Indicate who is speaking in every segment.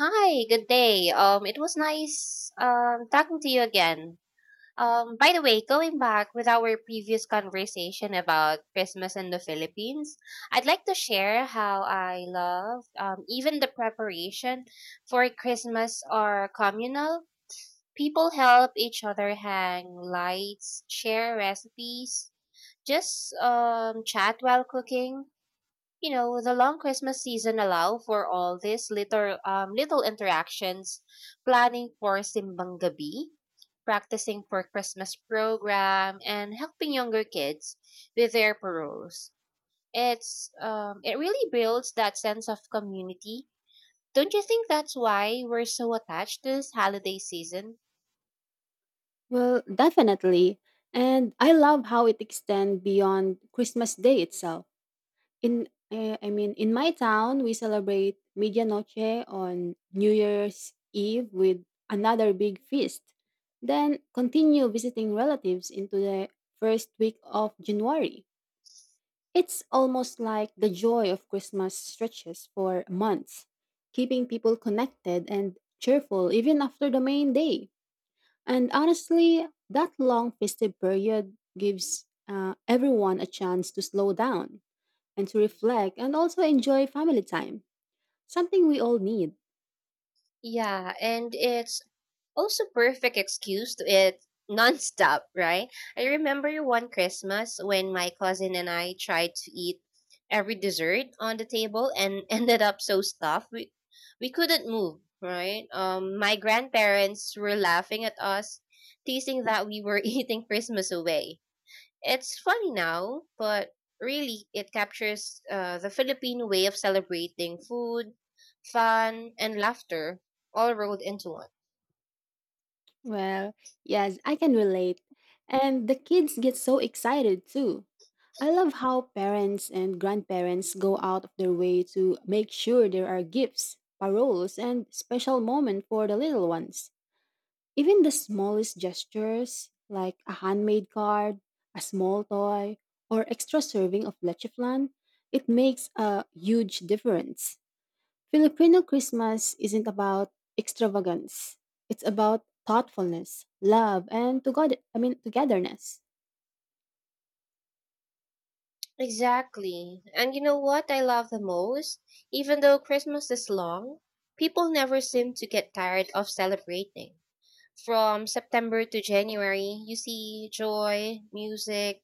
Speaker 1: Hi, good day. It was nice talking to you again. By the way, going back with our previous conversation about Christmas in the Philippines, I'd like to share how I love, even the preparation for Christmas are communal. People help each other hang lights, share recipes, just chat while cooking. You know, the long Christmas season allow for all these little, little interactions, planning for simbang gabi, practicing for Christmas program, and helping younger kids with their paroles. It really builds that sense of community. Don't you think that's why we're so attached to this holiday season?
Speaker 2: Well, definitely. And I love how it extends beyond Christmas Day itself. In in my town, we celebrate Medianoche on New Year's Eve with another big feast. Then continue visiting relatives into the first week of January. It's almost like the joy of Christmas stretches for months, keeping people connected and cheerful even after the main day. And honestly, that long festive period gives everyone a chance to slow down and to reflect and also enjoy family time, something we all need.
Speaker 1: Yeah, and it's also perfect excuse to eat nonstop, right? I remember one Christmas when my cousin and I tried to eat every dessert on the table and ended up so stuffed we couldn't move, right? My grandparents were laughing at us, teasing that we were eating Christmas away. It's funny now, but really, it captures, the Filipino way of celebrating food, fun, and laughter all rolled into one.
Speaker 2: Well, yes, I can relate. And the kids get so excited too. I love how parents and grandparents go out of their way to make sure there are gifts, paroles, and special moments for the little ones. Even the smallest gestures, like a handmade card, a small toy, or extra serving of leche flan, it makes a huge difference. Filipino Christmas isn't about extravagance. It's about thoughtfulness, love, and togetherness.
Speaker 1: Exactly. And you know what I love the most? Even though Christmas is long, people never seem to get tired of celebrating. From September to January, you see joy, music,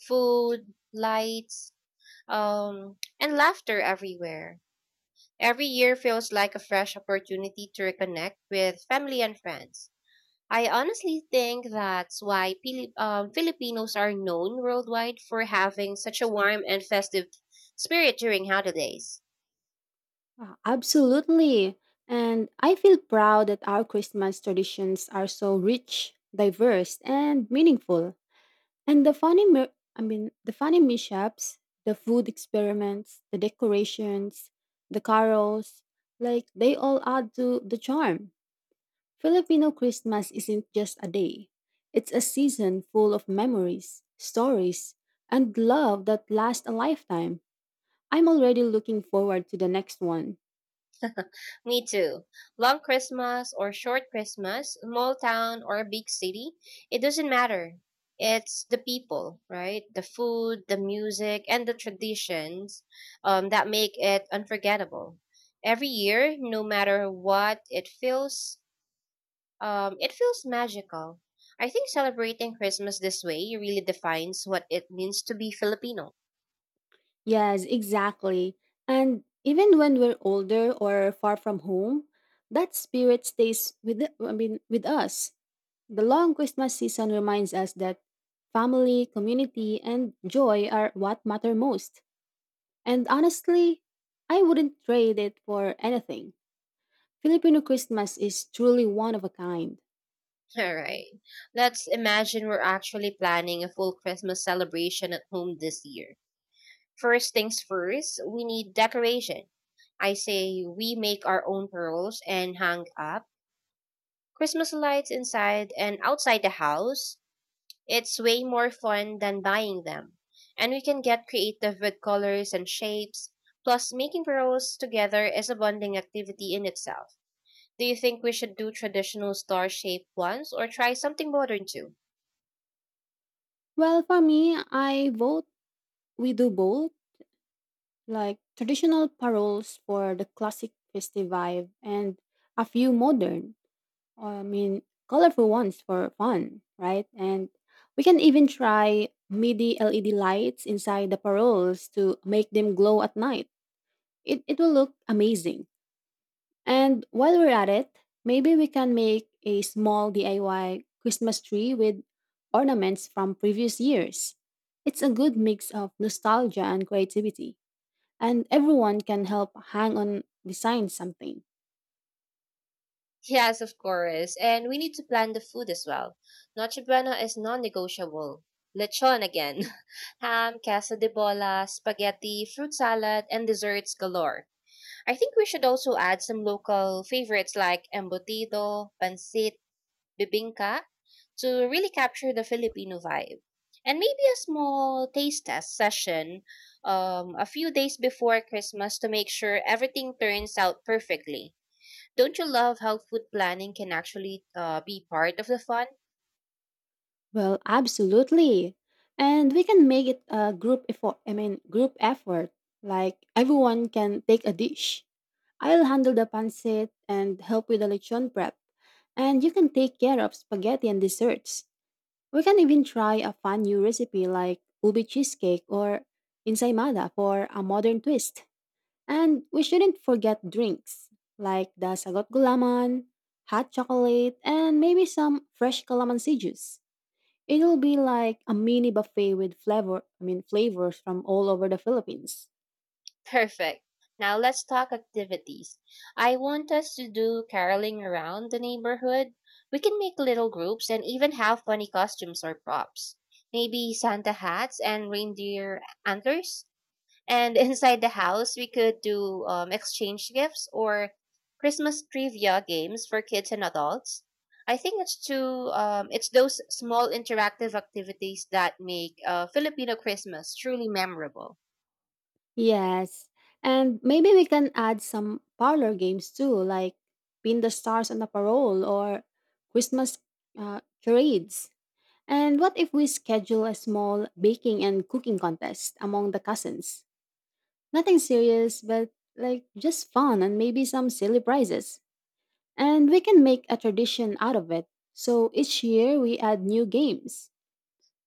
Speaker 1: food, lights, and laughter everywhere. Every year feels like a fresh opportunity to reconnect with family and friends. I honestly think that's why Filipinos are known worldwide for having such a warm and festive spirit during holidays.
Speaker 2: Wow, absolutely. And I feel proud that our Christmas traditions are so rich, diverse, and meaningful. And the funny, mi- I mean, the funny mishaps, the food experiments, the decorations, the carols, like they all add to the charm. Filipino Christmas isn't just a day. It's a season full of memories, stories, and love that lasts a lifetime. I'm already looking forward to the next one.
Speaker 1: Me too. Long Christmas or short Christmas, small town or big city, it doesn't matter. It's the people, right? The food, the music, and the traditions, that make it unforgettable. Every year, no matter what, it feels magical. I think celebrating Christmas this way really defines what it means to be Filipino.
Speaker 2: Yes, exactly. And even when we're older or far from home, that spirit stays with the, I mean with us. The long Christmas season reminds us that family, community, and joy are what matter most. And honestly, I wouldn't trade it for anything. Filipino Christmas is truly one of a kind.
Speaker 1: All right. Let's imagine we're actually planning a full Christmas celebration at home this year. First things first, we need decoration. I say we make our own pearls and hang up Christmas lights inside and outside the house. It's way more fun than buying them. And we can get creative with colors and shapes. Plus, making pearls together is a bonding activity in itself. Do you think we should do traditional star shaped ones or try something modern too?
Speaker 2: Well, for me, I vote we do both like traditional paroles for the classic festive vibe and a few modern, I mean, colorful ones for fun, right? And we can even try MIDI LED lights inside the paroles to make them glow at night. It will look amazing. And while we're at it, maybe we can make a small DIY Christmas tree with ornaments from previous years. It's a good mix of nostalgia and creativity and everyone can help hang on design something.
Speaker 1: Yes, of course. And we need to plan the food as well. Noche Buena is non-negotiable. Lechon again. Ham, casa de bola, spaghetti, fruit salad, and desserts galore. I think we should also add some local favorites like embutido, pancit, bibingka to really capture the Filipino vibe. And maybe a small taste test session, a few days before Christmas to make sure everything turns out perfectly. Don't you love how food planning can actually, be part of the fun?
Speaker 2: Well, absolutely. And we can make it a group effort. Like everyone can take a dish. I'll handle the pancit and help with the lechon prep. And you can take care of spaghetti and desserts. We can even try a fun new recipe like ubi cheesecake or insaimada for a modern twist. And we shouldn't forget drinks like the sagot gulaman, hot chocolate, and maybe some fresh calamansi juice. It'll be like a mini buffet with flavors from all over the Philippines.
Speaker 1: Perfect. Now let's talk activities. I want us to do caroling around the neighborhood. We can make little groups and even have funny costumes or props. Maybe Santa hats and reindeer antlers? And inside the house, we could do, exchange gifts or Christmas trivia games for kids and adults. I think it's those small interactive activities that make, Filipino Christmas truly memorable.
Speaker 2: Yes. And maybe we can add some parlor games too, like Pin the Stars on the Parole or Christmas Charades. And what if we schedule a small baking and cooking contest among the cousins? Nothing serious, but like just fun and maybe some silly prizes. And we can make a tradition out of it. So each year we add new games.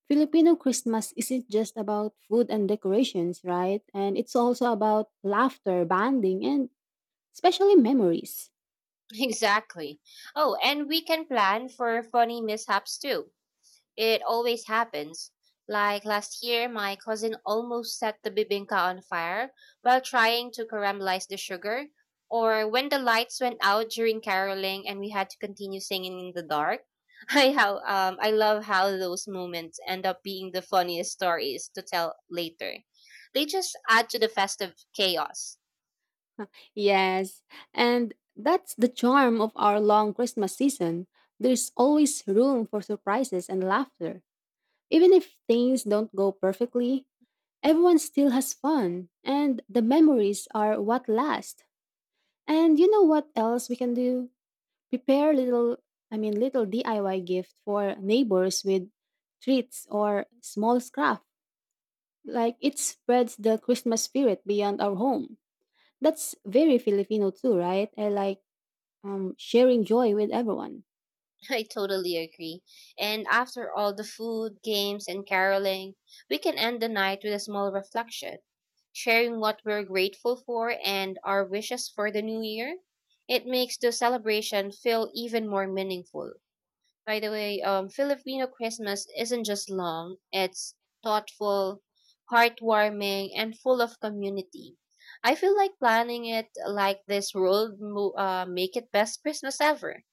Speaker 2: Filipino Christmas isn't just about food and decorations, right? And it's also about laughter, bonding, and especially memories.
Speaker 1: Exactly. Oh, and we can plan for funny mishaps too. It always happens. Like last year, my cousin almost set the bibinka on fire while trying to caramelize the sugar, or when the lights went out during caroling and we had to continue singing in the dark. I love how those moments end up being the funniest stories to tell later. They just add to the festive chaos.
Speaker 2: Yes, and that's the charm of our long Christmas season. There's always room for surprises and laughter. Even if things don't go perfectly, everyone still has fun, and the memories are what last. And you know what else we can do? Prepare little DIY gift for neighbors with treats or small scraps. Like it spreads the Christmas spirit beyond our home. That's very Filipino too, right? I like sharing joy with everyone.
Speaker 1: I totally agree. And after all the food, games, and caroling, we can end the night with a small reflection, sharing what we're grateful for and our wishes for the new year. It makes the celebration feel even more meaningful. By the way, Filipino Christmas isn't just long, it's thoughtful, heartwarming, and full of community. I feel like planning it like this will make it best Christmas ever.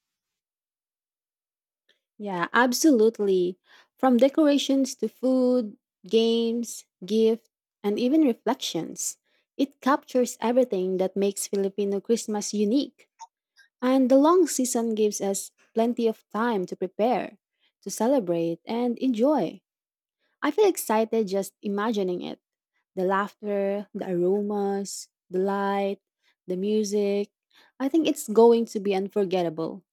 Speaker 2: Yeah, absolutely. From decorations to food, games, gift, and even reflections. It captures everything that makes Filipino Christmas unique. And the long season gives us plenty of time to prepare, to celebrate, and enjoy. I feel excited just imagining it. The laughter, the aromas, the light, the music. I think it's going to be unforgettable.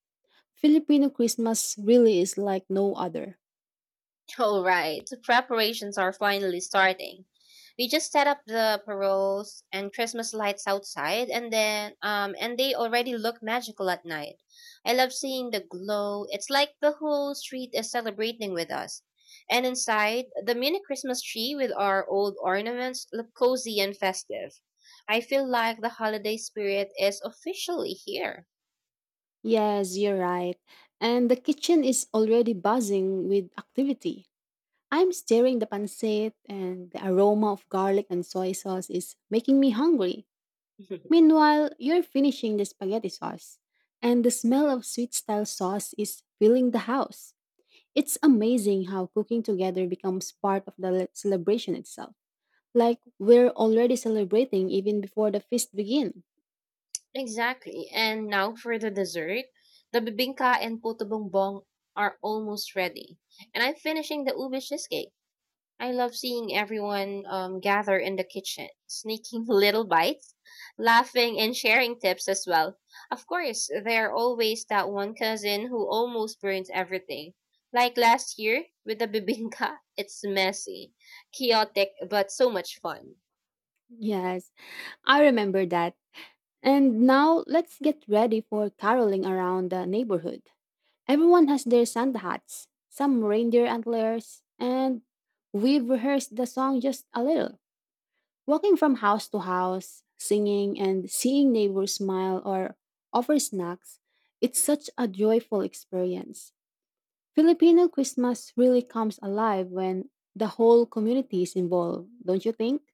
Speaker 2: Filipino Christmas really is like no other.
Speaker 1: All right, the preparations are finally starting. We just set up the paroles and Christmas lights outside, and then and they already look magical at night. I love seeing the glow. It's like the whole street is celebrating with us. And inside, the mini Christmas tree with our old ornaments look cozy and festive. I feel like the holiday spirit is officially here.
Speaker 2: Yes, you're right. And the kitchen is already buzzing with activity. I'm stirring the pancit, and the aroma of garlic and soy sauce is making me hungry. Meanwhile, you're finishing the spaghetti sauce, and the smell of sweet style sauce is filling the house. It's amazing how cooking together becomes part of the celebration itself. Like we're already celebrating even before the feast begins.
Speaker 1: Exactly. And now for the dessert. The bibingka and puto bongbong are almost ready. And I'm finishing the ube cheesecake. I love seeing everyone, gather in the kitchen, sneaking little bites, laughing, and sharing tips as well. Of course, there are always that one cousin who almost burns everything. Like last year with the bibingka, it's messy, chaotic, but so much fun.
Speaker 2: Yes, I remember that. And now let's get ready for caroling around the neighborhood. Everyone has their Santa hats, some reindeer antlers, and we've rehearsed the song just a little. Walking from house to house, singing and seeing neighbors smile or offer snacks, it's such a joyful experience. Filipino Christmas really comes alive when the whole community is involved, don't you think?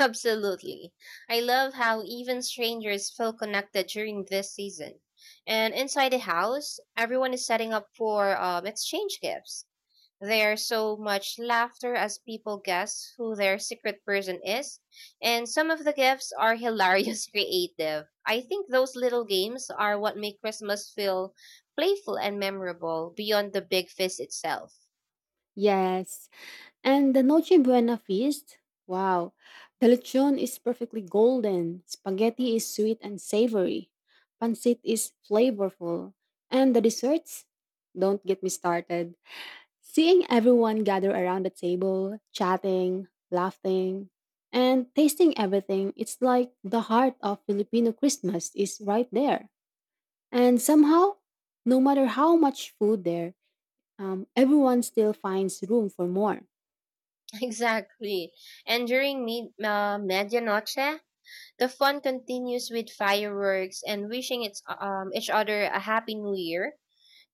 Speaker 1: Absolutely. I love how even strangers feel connected during this season. And inside the house, everyone is setting up for, exchange gifts. There's so much laughter as people guess who their secret person is, and some of the gifts are hilarious creative. I think those little games are what make Christmas feel playful and memorable beyond the big feast itself.
Speaker 2: Yes. And the Noche Buena feast? Wow. The lechon is perfectly golden. Spaghetti is sweet and savory. Pancit is flavorful. And the desserts? Don't get me started. Seeing everyone gather around the table, chatting, laughing, and tasting everything, it's like the heart of Filipino Christmas is right there. And somehow, no matter how much food there, everyone still finds room for more.
Speaker 1: Exactly. And during medianoche, the fun continues with fireworks and wishing its, each other a happy new year.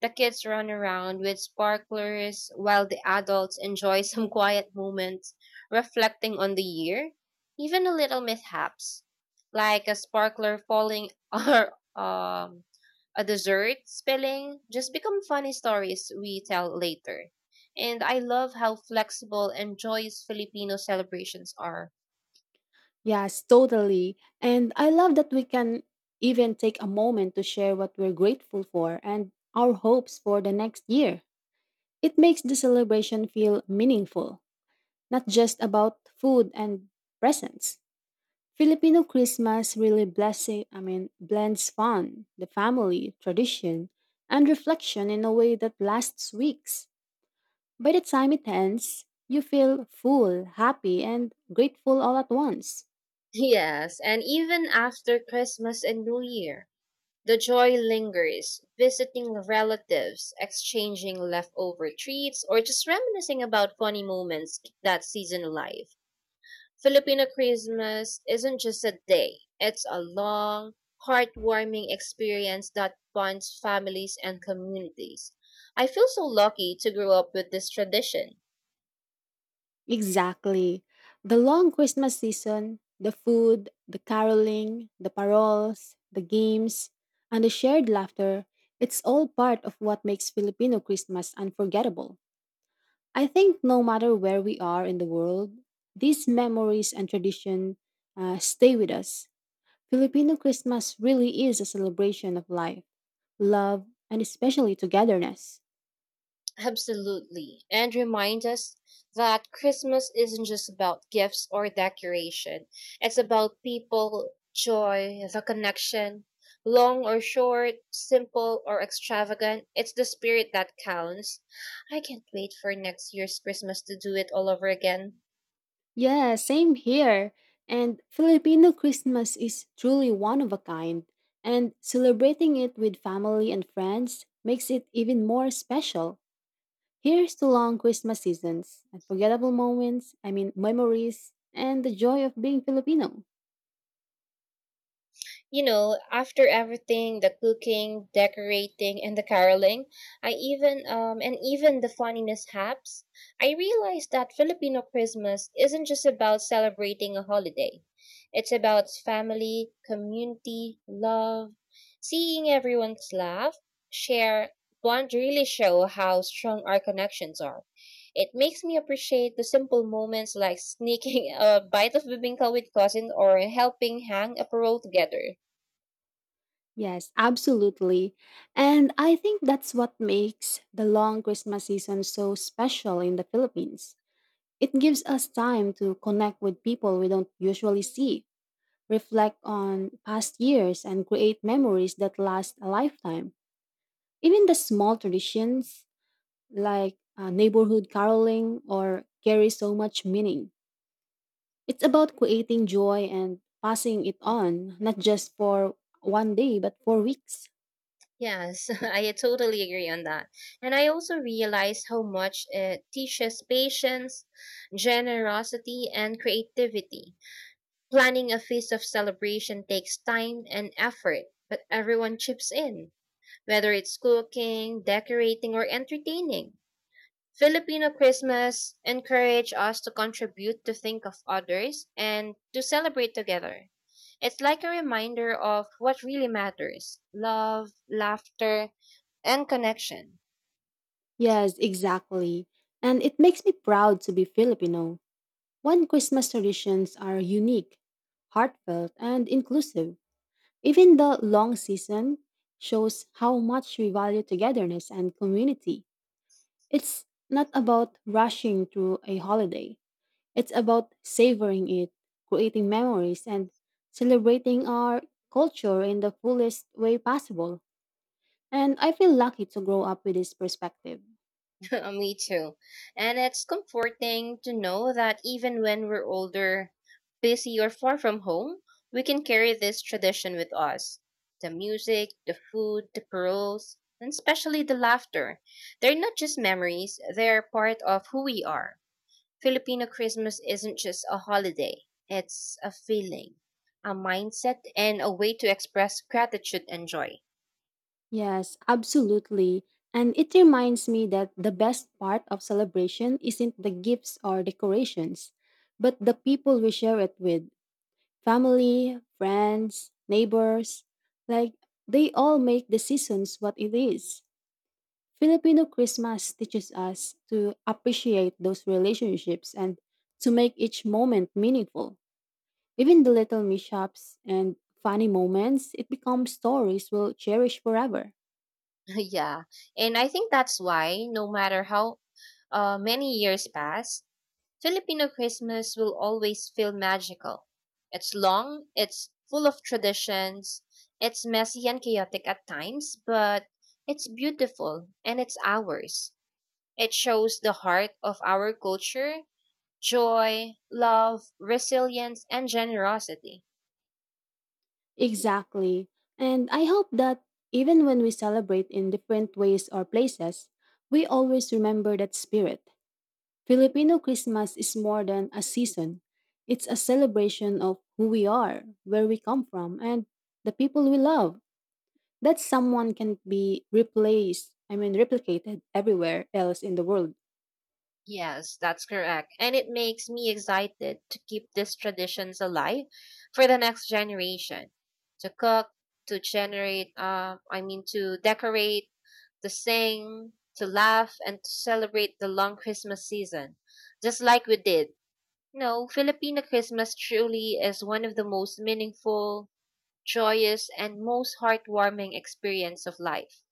Speaker 1: The kids run around with sparklers while the adults enjoy some quiet moments reflecting on the year. Even a little mishaps, like a sparkler falling or, a dessert spilling, just become funny stories we tell later. And I love how flexible and joyous Filipino celebrations are.
Speaker 2: Yes, totally. And I love that we can even take a moment to share what we're grateful for and our hopes for the next year. It makes the celebration feel meaningful, not just about food and presents. Filipino Christmas really blends fun, the family, tradition, and reflection in a way that lasts weeks. By the time it ends, you feel full, happy, and grateful all at once.
Speaker 1: Yes, and even after Christmas and New Year, the joy lingers, visiting relatives, exchanging leftover treats, or just reminiscing about funny moments that season life. Filipino Christmas isn't just a day, it's a long, heartwarming experience that bonds families and communities. I feel so lucky to grow up with this tradition.
Speaker 2: Exactly. The long Christmas season, the food, the caroling, the paroles, the games, and the shared laughter, it's all part of what makes Filipino Christmas unforgettable. I think no matter where we are in the world, these memories and tradition stay with us. Filipino Christmas really is a celebration of life, love, and especially togetherness.
Speaker 1: Absolutely. And remind us that Christmas isn't just about gifts or decoration. It's about people, joy, the connection. Long or short, simple or extravagant, it's the spirit that counts. I can't wait for next year's Christmas to do it all over again.
Speaker 2: Yeah, same here. And Filipino Christmas is truly one of a kind, and celebrating it with family and friends makes it even more special. Here's to long Christmas seasons, unforgettable memories, and the joy of being Filipino.
Speaker 1: You know, after everything, the cooking, decorating, and the caroling, I even the funny mishaps, I realized that Filipino Christmas isn't just about celebrating a holiday. It's about family, community, love, seeing everyone's laugh, share, bond really show how strong our connections are. It makes me appreciate the simple moments like sneaking a bite of bibingka with cousin or helping hang a parole together.
Speaker 2: Yes, absolutely. And I think that's what makes the long Christmas season so special in the Philippines. It gives us time to connect with people we don't usually see, reflect on past years, and create memories that last a lifetime. Even the small traditions like neighborhood caroling or carry so much meaning. It's about creating joy and passing it on, not just for one day, but for weeks.
Speaker 1: Yes, I totally agree on that. And I also realize how much it teaches patience, generosity, and creativity. Planning a feast of celebration takes time and effort, but everyone chips in, whether it's cooking, decorating, or entertaining. Filipino Christmas encourage us to contribute to think of others and to celebrate together. It's like a reminder of what really matters love, laughter, and connection.
Speaker 2: Yes, exactly. And it makes me proud to be Filipino. When Christmas traditions are unique, heartfelt, and inclusive, even the long season shows how much we value togetherness and community. It's not about rushing through a holiday, it's about savoring it, creating memories, and celebrating our culture in the fullest way possible. And I feel lucky to grow up with this perspective.
Speaker 1: Me too. And it's comforting to know that even when we're older, busy, or far from home, we can carry this tradition with us. The music, the food, the paroles, and especially the laughter. They're not just memories, they're part of who we are. Filipino Christmas isn't just a holiday, it's a feeling, a mindset, and a way to express gratitude and joy.
Speaker 2: Yes, absolutely. And it reminds me that the best part of celebration isn't the gifts or decorations, but the people we share it with. Family, friends, neighbors, like they all make the seasons what it is. Filipino Christmas teaches us to appreciate those relationships and to make each moment meaningful. Even the little mishaps and funny moments, it becomes stories we'll cherish forever.
Speaker 1: Yeah. And I think that's why, no matter how, many years pass, Filipino Christmas will always feel magical. It's long, it's full of traditions, it's messy and chaotic at times, but it's beautiful and it's ours. It shows the heart of our culture, joy, love, resilience, and generosity.
Speaker 2: Exactly. And I hope that even when we celebrate in different ways or places, we always remember that spirit. Filipino Christmas is more than a season. It's a celebration of who we are, where we come from, and the people we love. That someone can be replicated everywhere else in the world.
Speaker 1: Yes, that's correct. And it makes me excited to keep these traditions alive for the next generation. To cook, to generate, I mean, to decorate, to sing, to laugh, and to celebrate the long Christmas season, just like we did. You know, Filipino Christmas truly is one of the most meaningful, joyous, and most heartwarming experience of life.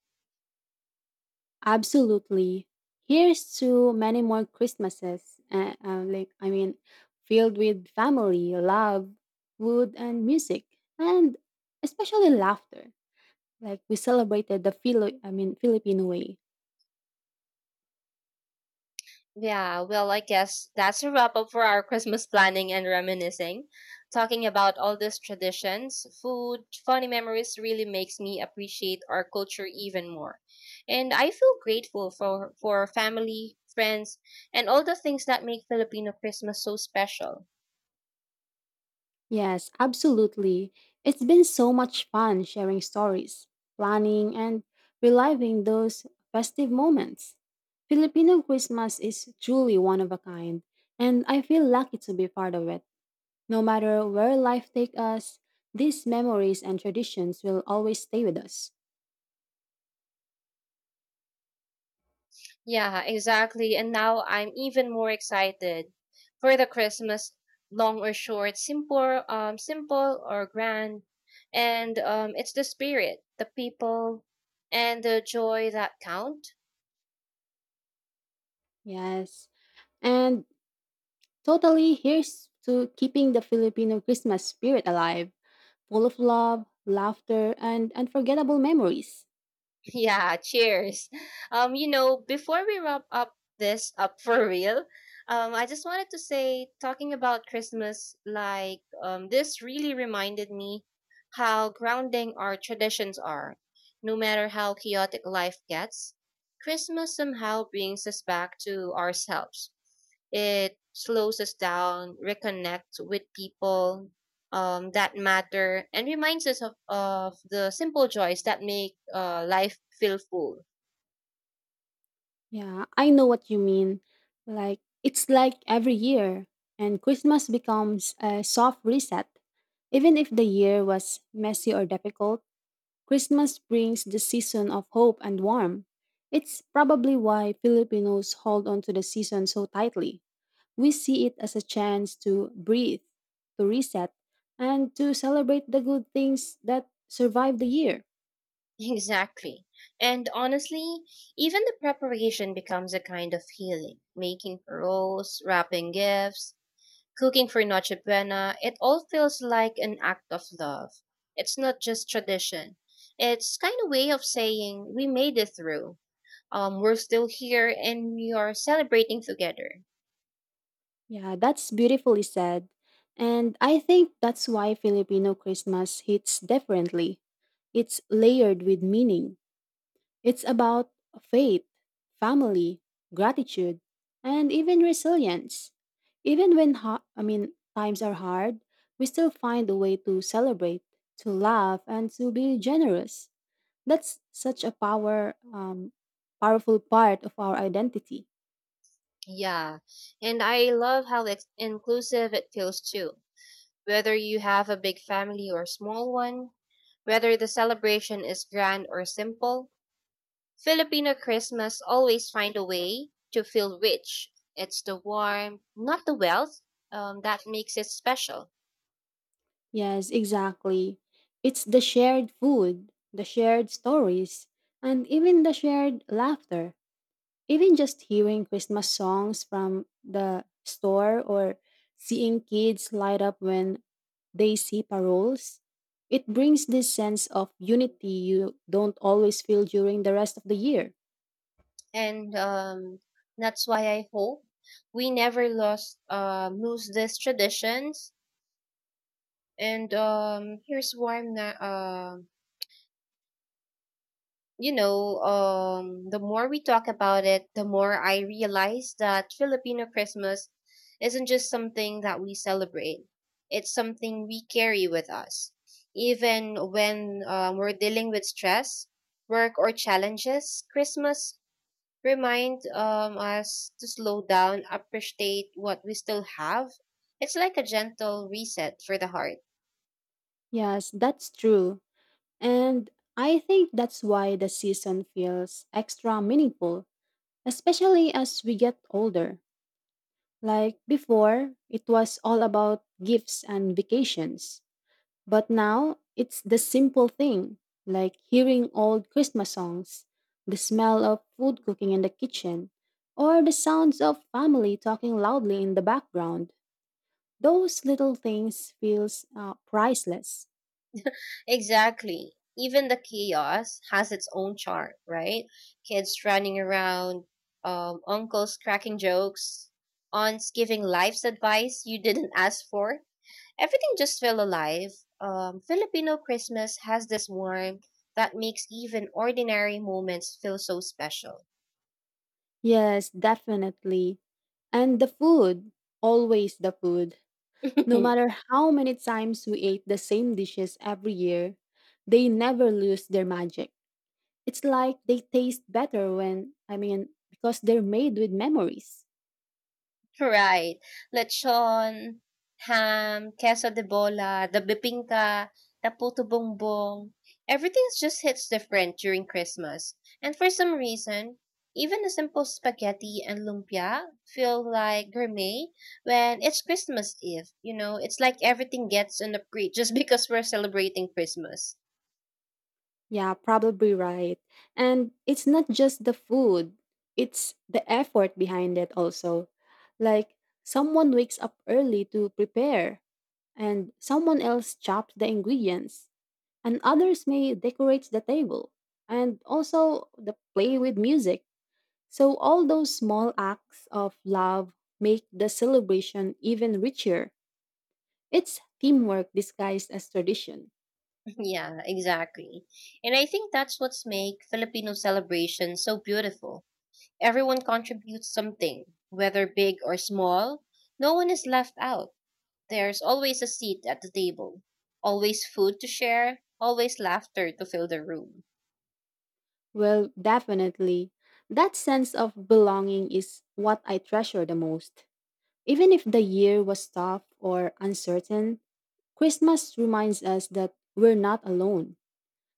Speaker 2: Absolutely. Here's to many more Christmases, filled with family, love, food, and music, and especially laughter. Like, we celebrated the Filipino way.
Speaker 1: Yeah, well, I guess that's a wrap up for our Christmas planning and reminiscing. Talking about all these traditions, food, funny memories really makes me appreciate our culture even more. And I feel grateful for family, friends, and all the things that make Filipino Christmas so special.
Speaker 2: Yes, absolutely. It's been so much fun sharing stories, planning, and reliving those festive moments. Filipino Christmas is truly one of a kind, and I feel lucky to be part of it. No matter where life takes us, these memories and traditions will always stay with us.
Speaker 1: Yeah, exactly. And now I'm even more excited for the Christmas, long or short, simple or grand. And it's the spirit, the people, and the joy that count.
Speaker 2: Yes. And totally, here's to keeping the Filipino Christmas spirit alive, full of love, laughter, and unforgettable memories.
Speaker 1: Yeah, cheers. You know, before we wrap up this up for real, I just wanted to say, talking about Christmas, this really reminded me how grounding our traditions are. No matter how chaotic life gets, Christmas somehow brings us back to ourselves. It slows us down, reconnects with people, that matter and reminds us of the simple joys that make, life feel full.
Speaker 2: Yeah, I know what you mean. Like, it's like every year, and Christmas becomes a soft reset. Even if the year was messy or difficult, Christmas brings the season of hope and warmth. It's probably why Filipinos hold on to the season so tightly. We see it as a chance to breathe, to reset, and to celebrate the good things that survive the year.
Speaker 1: Exactly. And honestly, even the preparation becomes a kind of healing. Making paroles, wrapping gifts, cooking for Noche Buena, it all feels like an act of love. It's not just tradition. It's kind of way of saying we made it through. We're still here and we are celebrating together.
Speaker 2: Yeah, that's beautifully said. And I think that's why Filipino Christmas hits differently. It's layered with meaning. It's about faith, family, gratitude, and even resilience. Even when times are hard, we still find a way to celebrate, to laugh, and to be generous. That's such a powerful part of our identity.
Speaker 1: Yeah, and I love how inclusive it feels too. Whether you have a big family or small one, whether the celebration is grand or simple, Filipino Christmas always find a way to feel rich. It's the warmth, not the wealth, that makes it special.
Speaker 2: Yes, exactly. It's the shared food, the shared stories, and even the shared laughter. Even just hearing Christmas songs from the store or seeing kids light up when they see paroles, it brings this sense of unity you don't always feel during the rest of the year.
Speaker 1: And That's why I hope we never lost lose these traditions. And Here's warm now. The more we talk about it, the more I realize that Filipino Christmas isn't just something that we celebrate. It's something we carry with us. Even when we're dealing with stress, work, or challenges, Christmas reminds us to slow down, appreciate what we still have. It's like a gentle reset for the heart.
Speaker 2: Yes, that's true. And I think that's why the season feels extra meaningful, especially as we get older. Like before, it was all about gifts and vacations. But now, it's the simple thing, like hearing old Christmas songs, the smell of food cooking in the kitchen, or the sounds of family talking loudly in the background. Those little things feels priceless.
Speaker 1: Exactly. Even the chaos has its own charm, right? Kids running around, uncles cracking jokes, aunts giving life's advice you didn't ask for. Everything just felt alive. Filipino Christmas has this warmth that makes even ordinary moments feel so special.
Speaker 2: Yes, definitely. And the food, always the food. No matter how many times we ate the same dishes every year, they never lose their magic. It's like they taste better because they're made with memories.
Speaker 1: Right. Lechon, ham, queso de bola, the bibingka, the puto bongbong. Everything just hits different during Christmas. And for some reason, even a simple spaghetti and lumpia feel like gourmet when it's Christmas Eve. You know, it's like everything gets an upgrade just because we're celebrating Christmas.
Speaker 2: Yeah, probably right. And it's not just the food, it's the effort behind it also. Like someone wakes up early to prepare, and someone else chops the ingredients, and others may decorate the table, and also the play with music. So all those small acts of love make the celebration even richer. It's teamwork disguised as tradition.
Speaker 1: Yeah, exactly. And I think that's what's make Filipino celebration so beautiful. Everyone contributes something, whether big or small. No one is left out. There's always a seat at the table, always food to share, always laughter to fill the room.
Speaker 2: Well, definitely. That sense of belonging is what I treasure the most. Even if the year was tough or uncertain, Christmas reminds us that we're not alone.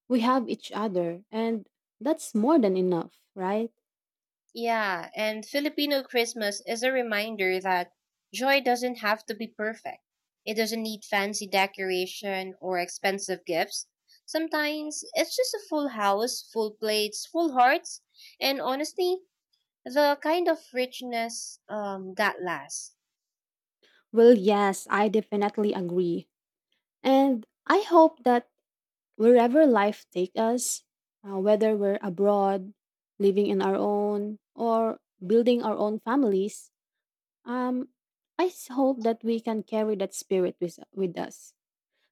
Speaker 2: We have each other, and that's more than enough, right?
Speaker 1: Yeah, and Filipino Christmas is a reminder that joy doesn't have to be perfect. It doesn't need fancy decoration or expensive gifts. Sometimes it's just a full house, full plates, full hearts, and honestly, the kind of richness that lasts.
Speaker 2: Well, yes, I definitely agree. And I hope that wherever life takes us, whether we're abroad, living in our own, or building our own families, um, hope that we can carry that spirit with us.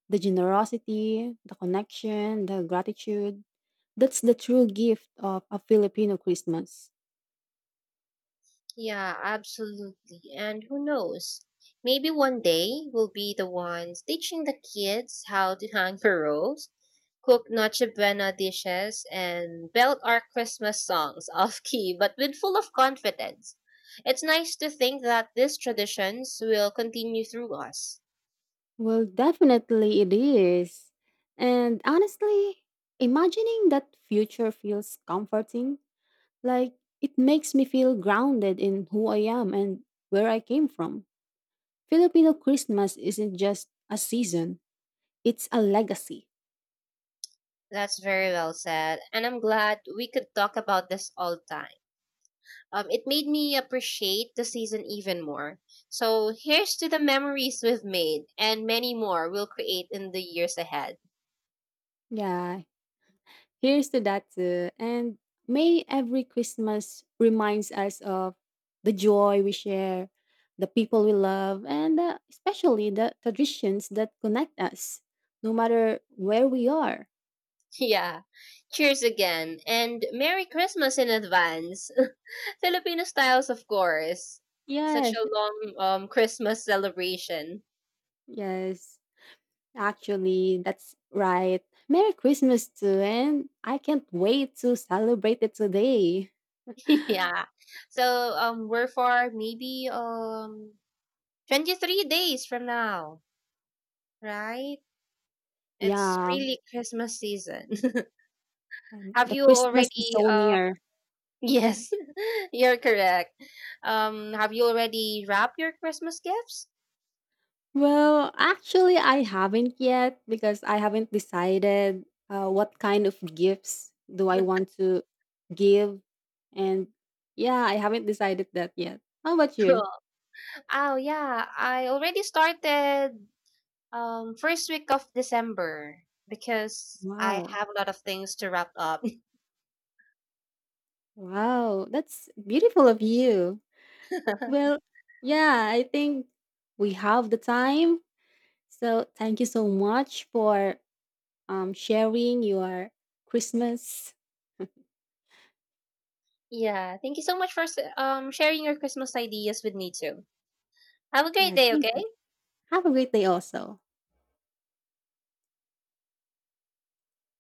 Speaker 2: The generosity, the connection, the gratitude. That's the true gift of a Filipino Christmas.
Speaker 1: Yeah, absolutely. And who knows? Maybe one day we'll be the ones teaching the kids how to hang heroes, cook Noche Buena dishes, and belt our Christmas songs off key, but with full of confidence. It's nice to think that these traditions will continue through us.
Speaker 2: Well, definitely it is. And honestly, imagining that future feels comforting. Like, it makes me feel grounded in who I am and where I came from. Filipino Christmas isn't just a season, it's a legacy.
Speaker 1: That's very well said, and I'm glad we could talk about this all time. It made me appreciate the season even more. So here's to the memories we've made and many more we'll create in the years ahead.
Speaker 2: Yeah, here's to that too. And may every Christmas reminds us of the joy we share, the people we love, and especially the traditions that connect us, no matter where we are.
Speaker 1: Yeah. Cheers again and Merry Christmas in advance. Filipino styles, of course. Such
Speaker 2: Yes,
Speaker 1: a long Christmas celebration.
Speaker 2: yes. Actually, that's right. Merry Christmas too, and I can't wait to celebrate it today.
Speaker 1: Yeah. So we're for maybe 23 days from now, right? It's
Speaker 2: Yeah,
Speaker 1: really Christmas season.
Speaker 2: and
Speaker 1: Have
Speaker 2: the
Speaker 1: you
Speaker 2: Christmas is
Speaker 1: already
Speaker 2: so near.
Speaker 1: yes, you're correct. Have you already wrapped your Christmas gifts?
Speaker 2: Well, actually, I haven't yet because I haven't decided what kind of gifts do I want to give, and yeah, I haven't decided that yet. How about you?
Speaker 1: Oh yeah, I already started first week of December because I
Speaker 2: Wow,
Speaker 1: have a lot of things to wrap up.
Speaker 2: wow, that's beautiful of you. Well, yeah, I think we have the time. So thank you so much for sharing your Christmas.
Speaker 1: Yeah, thank you so much for sharing your Christmas ideas with me too. Have a great
Speaker 2: Yeah,
Speaker 1: day,
Speaker 2: thank
Speaker 1: okay?
Speaker 2: you. Have a great day also.